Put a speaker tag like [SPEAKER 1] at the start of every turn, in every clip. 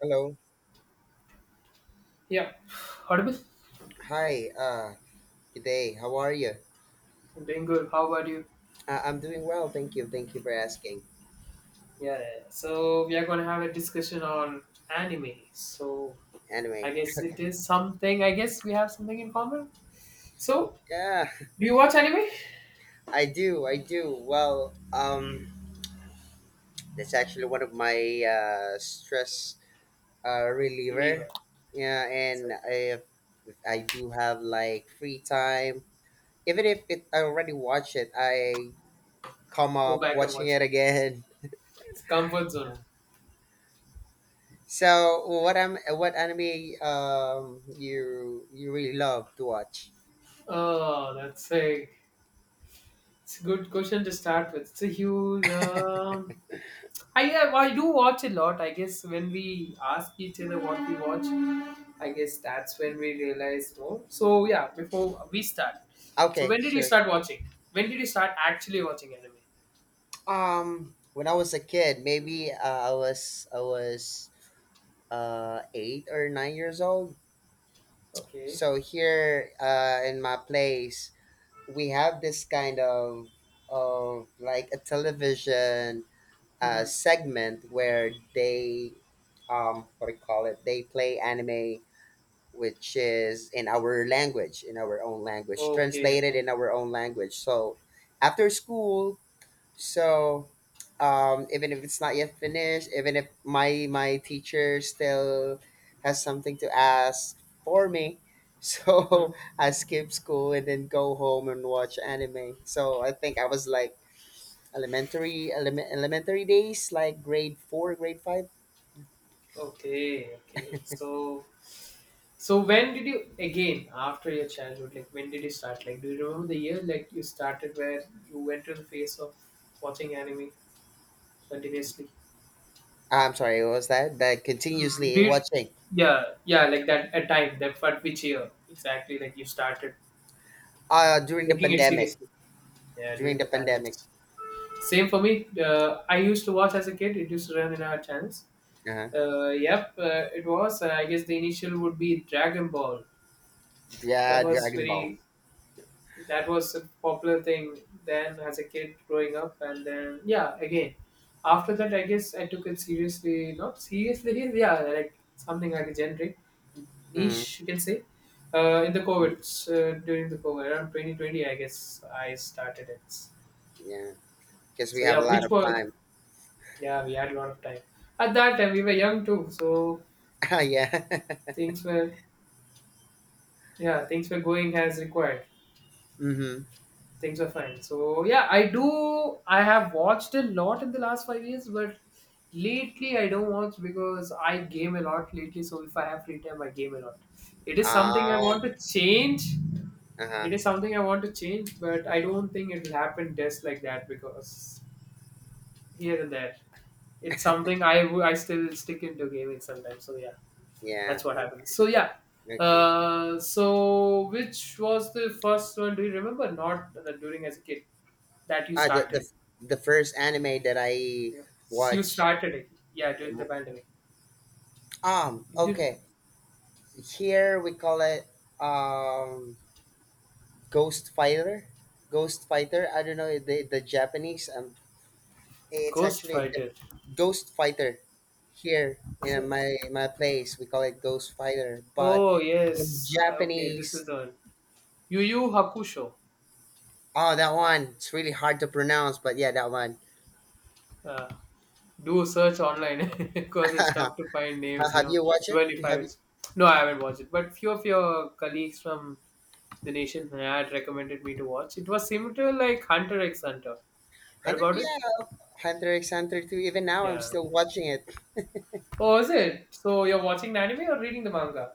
[SPEAKER 1] Hello.
[SPEAKER 2] Yeah, audible.
[SPEAKER 1] Hi. Good day. How are you?
[SPEAKER 2] I'm doing good. How about you?
[SPEAKER 1] I'm doing well. Thank you. Thank you for asking.
[SPEAKER 2] Yeah, yeah. So we are going to have a discussion on anime. So I
[SPEAKER 1] Anyway,
[SPEAKER 2] guess it is something. I guess we have something in common. So
[SPEAKER 1] yeah,
[SPEAKER 2] do you watch anime?
[SPEAKER 1] I do. I do. That's actually one of my stress
[SPEAKER 2] Believer.
[SPEAKER 1] reliever. Yeah,
[SPEAKER 2] So
[SPEAKER 1] and if I do have like free time, even if it, I already watched it, I come
[SPEAKER 2] go
[SPEAKER 1] up
[SPEAKER 2] back and
[SPEAKER 1] watching
[SPEAKER 2] watch.
[SPEAKER 1] it again.
[SPEAKER 2] It's comfort zone.
[SPEAKER 1] Yeah. So, what anime you really love to watch?
[SPEAKER 2] Oh, that's a it's a good question to start with. It's a huge. I do watch a lot. I guess when we ask each other what we watch, I guess that's when we realized. Oh, so yeah, before we start. So
[SPEAKER 1] Okay,
[SPEAKER 2] when did you
[SPEAKER 1] sure.
[SPEAKER 2] start watching? When did you start actually watching anime?
[SPEAKER 1] When I was a kid, maybe I was 8 or 9 years old.
[SPEAKER 2] Okay.
[SPEAKER 1] So here, in my place, we have this kind of like a television
[SPEAKER 2] Hmm.
[SPEAKER 1] segment where they what do you call it? They play anime, which is in our language, in our own language,
[SPEAKER 2] Okay.
[SPEAKER 1] translated in
[SPEAKER 2] Okay.
[SPEAKER 1] our own language. So after school, So even if it's not yet finished, even if my teacher still has something to ask for me,
[SPEAKER 2] Hmm.
[SPEAKER 1] so I skip school and then go home and watch anime. So I think I was like elementary elementary days, like grade four, grade five.
[SPEAKER 2] Okay. Okay. So when did you again after your childhood? Like when did you start? Like, do you remember the year like you started where you went to the phase of watching anime continuously?
[SPEAKER 1] Ah, I'm sorry, what was that? That
[SPEAKER 2] Do
[SPEAKER 1] continuously
[SPEAKER 2] you,
[SPEAKER 1] watching
[SPEAKER 2] yeah, yeah, like that a time that for which year exactly? Like you started
[SPEAKER 1] during the
[SPEAKER 2] taking it
[SPEAKER 1] pandemic.
[SPEAKER 2] seriously. Yeah,
[SPEAKER 1] During
[SPEAKER 2] during
[SPEAKER 1] the
[SPEAKER 2] the
[SPEAKER 1] pandemic,
[SPEAKER 2] pandemics. Same for me. I used to watch as a kid. It used to run in our channels.
[SPEAKER 1] uh-huh.
[SPEAKER 2] Yep, it was. I guess the initial would be Dragon Ball. That
[SPEAKER 1] Yeah,
[SPEAKER 2] was
[SPEAKER 1] Dragon Ball.
[SPEAKER 2] very. That was a popular thing then as a kid growing up, and then yeah, again. After that, I guess I took it seriously. Not seriously, yeah, like something like a generic
[SPEAKER 1] Mm-hmm.
[SPEAKER 2] niche, you can say. In the COVID, during the COVID, around 2020, I guess I started it.
[SPEAKER 1] Yeah, because we
[SPEAKER 2] So
[SPEAKER 1] have
[SPEAKER 2] yeah,
[SPEAKER 1] a lot
[SPEAKER 2] which
[SPEAKER 1] of
[SPEAKER 2] was
[SPEAKER 1] time.
[SPEAKER 2] yeah, we had a lot of time. At that time, we were young too, so
[SPEAKER 1] Yeah.
[SPEAKER 2] things were, yeah, things were going as required.
[SPEAKER 1] Mm-hmm.
[SPEAKER 2] Things were fine. So yeah, I do. I have watched a lot in the last 5 years, but lately I don't watch because I game a lot lately. So if I have free time, I game a lot. It is something I
[SPEAKER 1] Ah,
[SPEAKER 2] want to change.
[SPEAKER 1] uh-huh.
[SPEAKER 2] It is something I want to change, but I don't think it will happen just like that because here and there. It's something I still stick into gaming sometimes. So yeah,
[SPEAKER 1] Yeah.
[SPEAKER 2] that's what happens.
[SPEAKER 1] Okay.
[SPEAKER 2] So yeah.
[SPEAKER 1] Okay.
[SPEAKER 2] So which was the first one? Do you remember? Not during as a kid that you
[SPEAKER 1] Ah, the,
[SPEAKER 2] started.
[SPEAKER 1] the the first anime that I
[SPEAKER 2] Yeah. You
[SPEAKER 1] watched.
[SPEAKER 2] started it. Yeah, during the pandemic. Did
[SPEAKER 1] Okay. Here we call it um Ghost Fighter. Ghost Fighter. I don't know the Japanese. It's
[SPEAKER 2] Ghost
[SPEAKER 1] actually the
[SPEAKER 2] Fighter?
[SPEAKER 1] Ghost Fighter. Here
[SPEAKER 2] Is
[SPEAKER 1] in
[SPEAKER 2] it?
[SPEAKER 1] my place, we call it Ghost Fighter. But
[SPEAKER 2] Oh
[SPEAKER 1] in
[SPEAKER 2] yes. Okay, this is
[SPEAKER 1] Japanese,
[SPEAKER 2] the one. Yu Yu Hakusho.
[SPEAKER 1] oh, that one. It's really hard to pronounce. But yeah, that one.
[SPEAKER 2] Uh, do search online because it's tough to find names. You
[SPEAKER 1] Have
[SPEAKER 2] know,
[SPEAKER 1] you watched it?
[SPEAKER 2] even if
[SPEAKER 1] You
[SPEAKER 2] I
[SPEAKER 1] Have you?
[SPEAKER 2] was. No, I haven't watched it. But few of your colleagues from the nation had recommended me to watch. It was similar to like Hunter x Hunter. Heard
[SPEAKER 1] Hundred,
[SPEAKER 2] about it?
[SPEAKER 1] yeah, Hunter x Hunter two. Even now, I'm
[SPEAKER 2] Yeah.
[SPEAKER 1] still watching it.
[SPEAKER 2] Oh, is it? So you're watching the anime or reading the manga?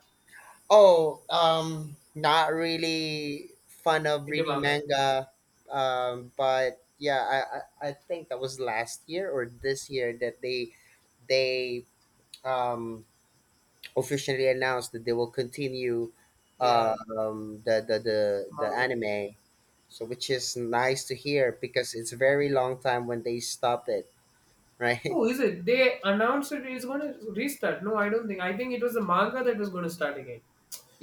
[SPEAKER 1] Oh, not really fun of
[SPEAKER 2] Into
[SPEAKER 1] reading
[SPEAKER 2] manga.
[SPEAKER 1] manga, but yeah, I think that was last year or this year that they um officially announced that they will continue
[SPEAKER 2] Yeah,
[SPEAKER 1] um the the the, the
[SPEAKER 2] manga.
[SPEAKER 1] anime, so which is nice to hear because it's a very long time when they stopped it, right?
[SPEAKER 2] Oh, is it? They announced it is going to restart. No, I don't think. I think it was the manga that was going to start again.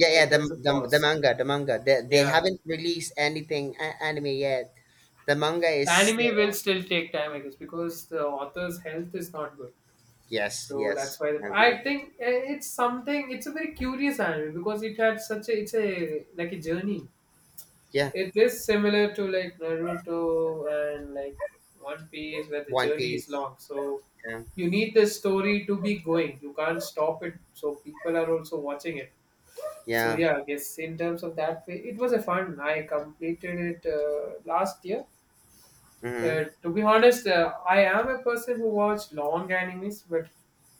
[SPEAKER 1] Yeah, yeah,
[SPEAKER 2] Like there's a
[SPEAKER 1] the
[SPEAKER 2] pause.
[SPEAKER 1] manga, the manga. They
[SPEAKER 2] Yeah.
[SPEAKER 1] haven't released anything anime yet. The manga
[SPEAKER 2] The
[SPEAKER 1] is still
[SPEAKER 2] anime will
[SPEAKER 1] on.
[SPEAKER 2] still take time, I guess, because the author's health is not good.
[SPEAKER 1] Yes,
[SPEAKER 2] So that's
[SPEAKER 1] yes,
[SPEAKER 2] why
[SPEAKER 1] I
[SPEAKER 2] I
[SPEAKER 1] agree.
[SPEAKER 2] think it's something. It's a very curious anime because it had such a. It's a like a journey.
[SPEAKER 1] Yeah,
[SPEAKER 2] It is similar to like Naruto and like One Piece, where the
[SPEAKER 1] One
[SPEAKER 2] journey is
[SPEAKER 1] Piece.
[SPEAKER 2] long. So
[SPEAKER 1] Yeah,
[SPEAKER 2] you need the story to be going. You can't stop it. So people are also watching it. So
[SPEAKER 1] yeah.
[SPEAKER 2] yeah, I guess in terms of that way, it was a fun. I completed it last year.
[SPEAKER 1] Mm-hmm,
[SPEAKER 2] To be honest, I am a person who watched long animes, but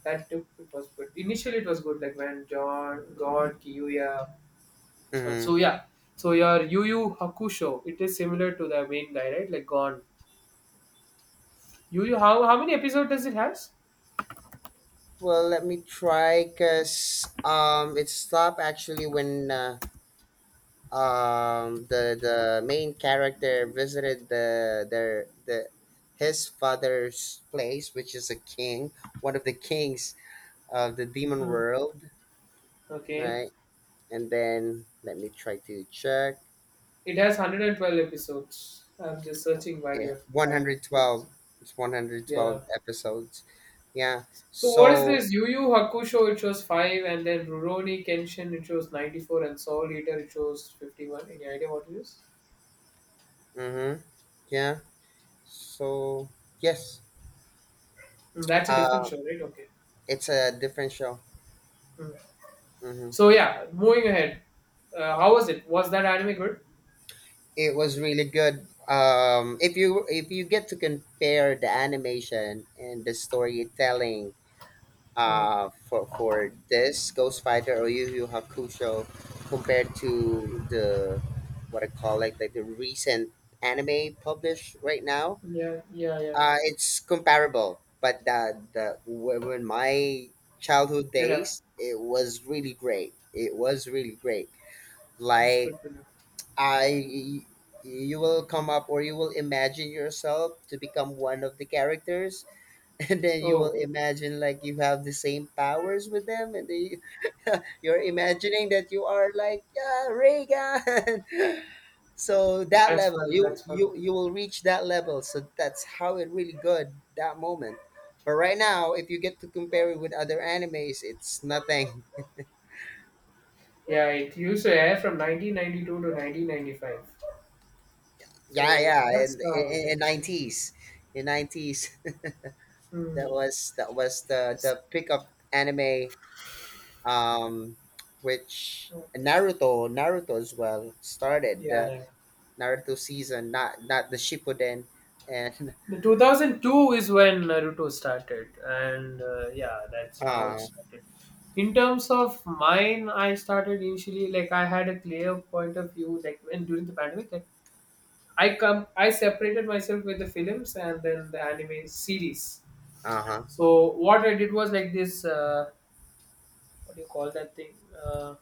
[SPEAKER 2] that took it was good. Initially, it was good. Like when John, God, Kiyuya. This one.
[SPEAKER 1] mm-hmm.
[SPEAKER 2] So yeah. So your Yu Yu Hakusho, it is similar to the main guy, right? Like Gon. Yu Yu, how many episodes does it has?
[SPEAKER 1] Well, let me try, cause it stopped actually when the main character visited the their the his father's place, which is a king, one of the kings of the demon
[SPEAKER 2] Hmm.
[SPEAKER 1] world,
[SPEAKER 2] Okay.
[SPEAKER 1] right? And then let me try to check.
[SPEAKER 2] It has 112 episodes. I'm just searching while
[SPEAKER 1] Yeah,
[SPEAKER 2] you're having it.
[SPEAKER 1] 112. It's
[SPEAKER 2] Yeah.
[SPEAKER 1] 112 episodes. Yeah.
[SPEAKER 2] So what is
[SPEAKER 1] So,
[SPEAKER 2] this? Yu Yu Hakusho, it shows 5, and then Rurouni Kenshin, it shows 94, and Soul Eater, it shows 51. Any idea what it is?
[SPEAKER 1] mm-hmm. Yeah. So, yes.
[SPEAKER 2] Hmm, that's a different
[SPEAKER 1] Uh,
[SPEAKER 2] show, right? Okay.
[SPEAKER 1] it's a different show.
[SPEAKER 2] Hmm.
[SPEAKER 1] Mm-hmm.
[SPEAKER 2] So yeah, moving ahead. How was it? Was that anime good?
[SPEAKER 1] It was really good. If you get to compare the animation and the storytelling,
[SPEAKER 2] Hmm.
[SPEAKER 1] for this Ghost Fighter or Yu Yu Hakusho compared to the what I call like the recent anime published right now.
[SPEAKER 2] Yeah, yeah, yeah.
[SPEAKER 1] It's comparable, but the when my childhood
[SPEAKER 2] Vera,
[SPEAKER 1] days, it was really great. It was really great.
[SPEAKER 2] that's
[SPEAKER 1] Like
[SPEAKER 2] good to know.
[SPEAKER 1] I. You will come up, or you will imagine yourself to become one of the characters, and then you will
[SPEAKER 2] Oh,
[SPEAKER 1] imagine like you have the same powers with them, and then you're imagining that you are like, yeah, Reagan. So that
[SPEAKER 2] that's
[SPEAKER 1] level,
[SPEAKER 2] fun.
[SPEAKER 1] you
[SPEAKER 2] That's fun.
[SPEAKER 1] you you will reach that level. So that's how it really good that moment. But right now, if you get to compare it with other animes, it's nothing.
[SPEAKER 2] Yeah, it used to air from 1992 to 1995.
[SPEAKER 1] Yeah,
[SPEAKER 2] So
[SPEAKER 1] yeah.
[SPEAKER 2] that's how it
[SPEAKER 1] In
[SPEAKER 2] is.
[SPEAKER 1] nineties, in nineties, that
[SPEAKER 2] Hmm.
[SPEAKER 1] was the pickup anime. Um, which Naruto, Naruto as well started
[SPEAKER 2] Yeah,
[SPEAKER 1] the
[SPEAKER 2] yeah.
[SPEAKER 1] Naruto season, not the Shippuden, and
[SPEAKER 2] The 2002 is when Naruto started, and yeah, that's how it
[SPEAKER 1] uh,
[SPEAKER 2] started. In terms of mine, I started initially like I had a clear point of view, like when during the pandemic, like I come, I separated myself with the films and then the anime series.
[SPEAKER 1] uh-huh.
[SPEAKER 2] So what I did was like this. What do you call that thing? Uh,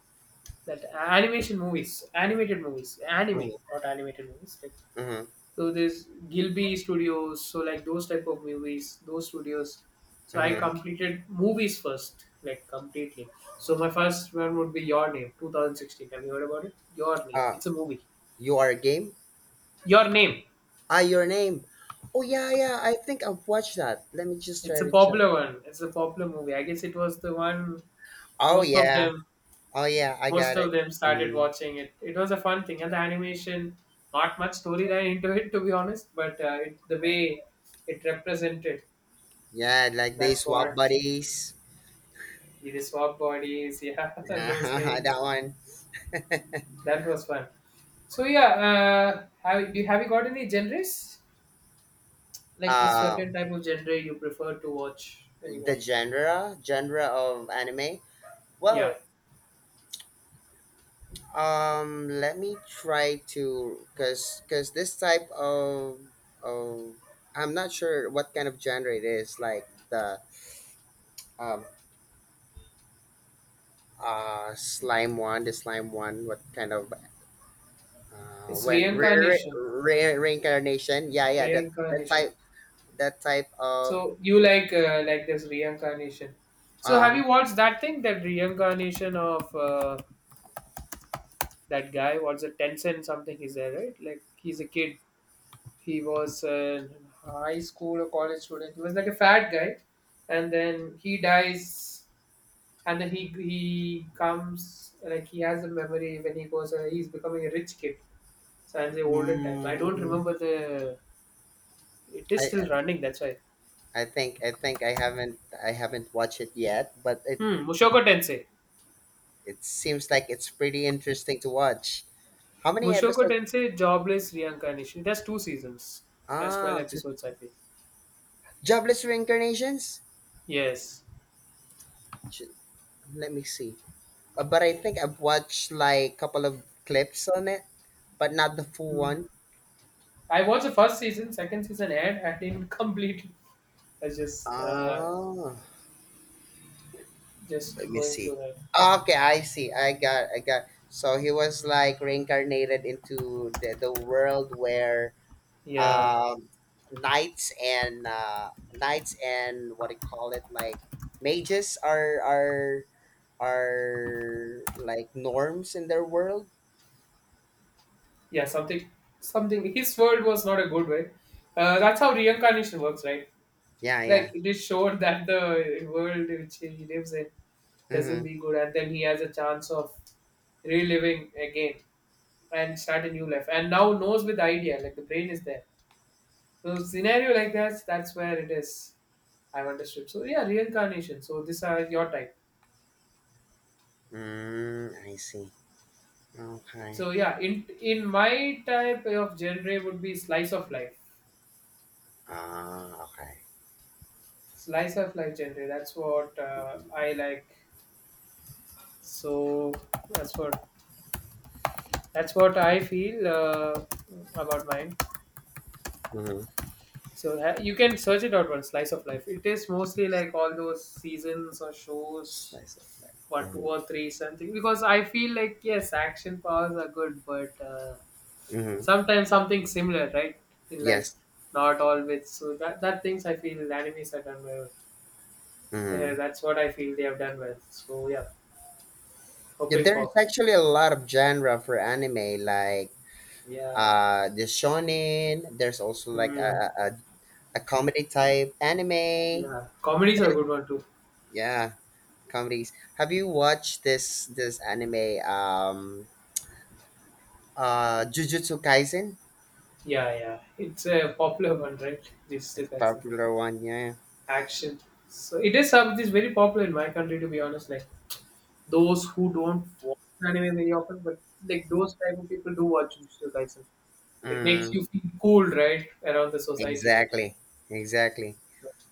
[SPEAKER 2] that animation movies, animated movies, anime,
[SPEAKER 1] Mm-hmm.
[SPEAKER 2] not animated movies. Like,
[SPEAKER 1] Mm-hmm.
[SPEAKER 2] so there's Gilby Studios, so like those type of movies, those studios. So I
[SPEAKER 1] Mm-hmm.
[SPEAKER 2] completed movies first, like completely. So my first one would be Your Name, 2016. Have you heard about it? Your Name.
[SPEAKER 1] Uh,
[SPEAKER 2] It's a movie.
[SPEAKER 1] you are a game?
[SPEAKER 2] Your Name.
[SPEAKER 1] Ah, your name. Oh yeah, yeah. I think I've watched that. Let me just
[SPEAKER 2] It's
[SPEAKER 1] try
[SPEAKER 2] a
[SPEAKER 1] to check.
[SPEAKER 2] popular one. It's a popular movie. I guess it was the one
[SPEAKER 1] Oh
[SPEAKER 2] most of
[SPEAKER 1] yeah.
[SPEAKER 2] them
[SPEAKER 1] Oh yeah, I
[SPEAKER 2] most
[SPEAKER 1] got
[SPEAKER 2] of
[SPEAKER 1] it.
[SPEAKER 2] them started
[SPEAKER 1] Hmm.
[SPEAKER 2] watching it. It was a fun thing, and the animation, not much storyline into it to be honest, but it, the way it represented,
[SPEAKER 1] Yeah, like they
[SPEAKER 2] that's
[SPEAKER 1] swap
[SPEAKER 2] what
[SPEAKER 1] buddies.
[SPEAKER 2] the swap bodies, yeah, those
[SPEAKER 1] Yeah,
[SPEAKER 2] things.
[SPEAKER 1] that one.
[SPEAKER 2] That was fun. So yeah, have you got any genres? Like a
[SPEAKER 1] Uh,
[SPEAKER 2] certain type of genre you prefer to watch when you watch?
[SPEAKER 1] the genre of anime.
[SPEAKER 2] Yeah,
[SPEAKER 1] Well, let me try to, cause this type of, I'm not sure what kind of genre it is. Like the um, slime one, the slime one, what kind of
[SPEAKER 2] it's
[SPEAKER 1] when
[SPEAKER 2] reincarnation.
[SPEAKER 1] reincarnation, yeah yeah, that that
[SPEAKER 2] Reincarnation.
[SPEAKER 1] type, that type of
[SPEAKER 2] So you like this reincarnation. So have
[SPEAKER 1] uh
[SPEAKER 2] you watched that thing, that reincarnation of that guy? What's it, Tencent something? Is there right? Like he's a kid. He was a high school or college student. He was like a fat guy, and then he dies, and then he comes like he has a memory when he goes. He's becoming a rich kid. So I the olden times. I don't
[SPEAKER 1] mm,
[SPEAKER 2] remember the. It is
[SPEAKER 1] i
[SPEAKER 2] still running. That's why.
[SPEAKER 1] I think I haven't watched it yet, but it
[SPEAKER 2] Hmm. Mushoku Tensei.
[SPEAKER 1] it seems like it's pretty interesting to watch. How many
[SPEAKER 2] Mushoku
[SPEAKER 1] episodes?
[SPEAKER 2] Tensei, Jobless Reincarnation. There's two seasons. There's 12
[SPEAKER 1] Ah, two,
[SPEAKER 2] episodes, I think.
[SPEAKER 1] jobless reincarnations.
[SPEAKER 2] Yes.
[SPEAKER 1] Ch- Let me see. But I think I've watched like couple of clips on it, but not the full
[SPEAKER 2] Mm.
[SPEAKER 1] one.
[SPEAKER 2] I watched the first season. Second season aired. I didn't complete. It. I was
[SPEAKER 1] Ah,
[SPEAKER 2] just
[SPEAKER 1] let me
[SPEAKER 2] going through
[SPEAKER 1] see.
[SPEAKER 2] that.
[SPEAKER 1] Okay, I see. I got. So he was like reincarnated into the world where
[SPEAKER 2] Yeah.
[SPEAKER 1] um knights and knights and what do you call it, like mages are like norms in their world.
[SPEAKER 2] Yeah. Something. Something. His world was not a good way. That's how reincarnation works, right?
[SPEAKER 1] Yeah yeah.
[SPEAKER 2] Like it is showed that the world which he lives in doesn't
[SPEAKER 1] Mm-hmm.
[SPEAKER 2] be good, and then he has a chance of reliving again, and start a new life and now knows with idea like the brain is there, so scenario like that, that's where it is. I've understood, so yeah, reincarnation, so this are your type.
[SPEAKER 1] Mm, I see. Okay.
[SPEAKER 2] So yeah, in my type of genre would be slice of life,
[SPEAKER 1] Ah, okay.
[SPEAKER 2] slice of life genre, that's what I
[SPEAKER 1] Mm-hmm.
[SPEAKER 2] like, so that's what that's what I feel about mine.
[SPEAKER 1] Mm-hmm.
[SPEAKER 2] So you can search it out. One slice of life, it is mostly like all those seasons or shows
[SPEAKER 1] Slice of life,
[SPEAKER 2] what two
[SPEAKER 1] mm-hmm.
[SPEAKER 2] or three something, because I feel like yes, action powers are good, but
[SPEAKER 1] Mm-hmm.
[SPEAKER 2] sometimes something similar, right, in life,
[SPEAKER 1] Yes.
[SPEAKER 2] not always, so that that things I feel animes are done well. Yeah,
[SPEAKER 1] Mm-hmm.
[SPEAKER 2] that's what I feel they have done well, so yeah,
[SPEAKER 1] Yeah,
[SPEAKER 2] hoping
[SPEAKER 1] there is
[SPEAKER 2] for
[SPEAKER 1] actually a lot of genre for anime, like
[SPEAKER 2] yeah.
[SPEAKER 1] the shonen. There's also like
[SPEAKER 2] Hmm.
[SPEAKER 1] a comedy type anime.
[SPEAKER 2] Yeah, comedies are a
[SPEAKER 1] Fan-
[SPEAKER 2] good one too.
[SPEAKER 1] Yeah, comedies. Have you watched this anime? Jujutsu Kaisen.
[SPEAKER 2] Yeah, yeah, it's a popular one, right? This
[SPEAKER 1] It's
[SPEAKER 2] type
[SPEAKER 1] a
[SPEAKER 2] of
[SPEAKER 1] popular one. Yeah.
[SPEAKER 2] action, so it is some this very popular in my country to be honest, like those who don't watch anime very often, but like those type of people do watch Jujutsu Kaisen. It makes
[SPEAKER 1] Mm,
[SPEAKER 2] you feel cool, right, around the society.
[SPEAKER 1] exactly. Exactly.
[SPEAKER 2] So,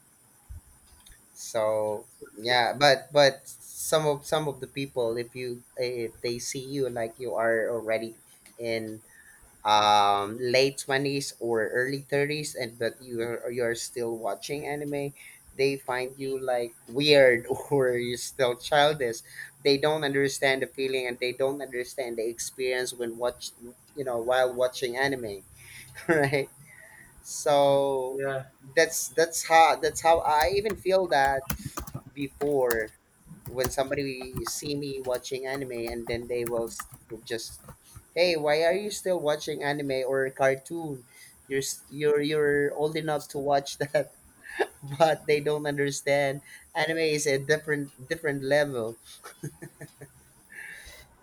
[SPEAKER 1] So
[SPEAKER 2] that's what you
[SPEAKER 1] yeah, but some of the people, if you if they see you like you are already in late 20s or early 30s, and but you're still watching anime, they find you like weird or you're still childish. They don't understand the feeling, and they don't understand the experience when watch, you know, while watching anime, right?
[SPEAKER 2] feel.
[SPEAKER 1] So
[SPEAKER 2] Yeah,
[SPEAKER 1] that's how I even feel that before, when somebody see me watching anime, and then they will just, hey, why are you still watching anime or cartoon? You're s- You're old enough to
[SPEAKER 2] understand.
[SPEAKER 1] watch that. But they don't understand anime is a different level.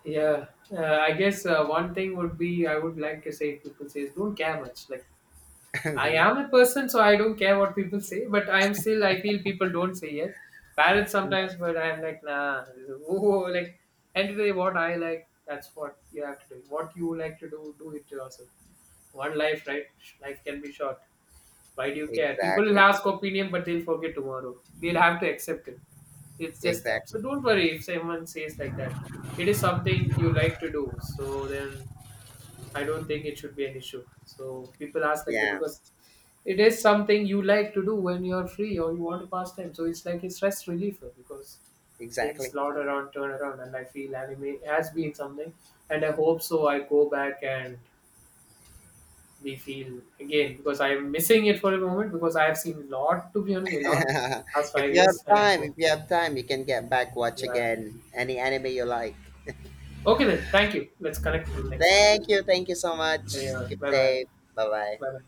[SPEAKER 2] Yeah, I guess one thing would be I would like to say people says don't care much. Like I
[SPEAKER 1] Mhm.
[SPEAKER 2] am a person, so I don't care what people say. But I am still, I feel people don't say it. Parents
[SPEAKER 1] Yeah,
[SPEAKER 2] sometimes, but I'm like, nah. Oh, like, and today what I like, that's what you have to do. What you like to do, do it to yourself. One life, right? Life can be short. Why do you care? People will
[SPEAKER 1] exactly.
[SPEAKER 2] ask opinion, but they'll forget tomorrow. They'll have to accept it. It's just that.
[SPEAKER 1] Exactly.
[SPEAKER 2] So don't worry if someone says like that. It is something you like to do. So then I don't think it should be an issue. So people ask like that
[SPEAKER 1] Yeah,
[SPEAKER 2] because it is something you like to do when you're free or you want to pass time. So it's like a stress reliever because things
[SPEAKER 1] exactly.
[SPEAKER 2] lot around, turn around, and I feel anime has been something, and I hope so. I go back and we feel again because I'm missing it for a moment because I have seen lot to be honest, a lot last
[SPEAKER 1] If
[SPEAKER 2] five
[SPEAKER 1] you have
[SPEAKER 2] years, and I
[SPEAKER 1] time, if
[SPEAKER 2] hope
[SPEAKER 1] you have time, you can get back watch
[SPEAKER 2] yeah. Yeah.
[SPEAKER 1] again any anime you like.
[SPEAKER 2] Okay then, thank you. Let's connect on the next.
[SPEAKER 1] Thank you. Thank you so
[SPEAKER 2] Okay,
[SPEAKER 1] much.
[SPEAKER 2] yeah,
[SPEAKER 1] Keep
[SPEAKER 2] bye bye.
[SPEAKER 1] safe. Bye
[SPEAKER 2] Bye
[SPEAKER 1] bye.
[SPEAKER 2] bye.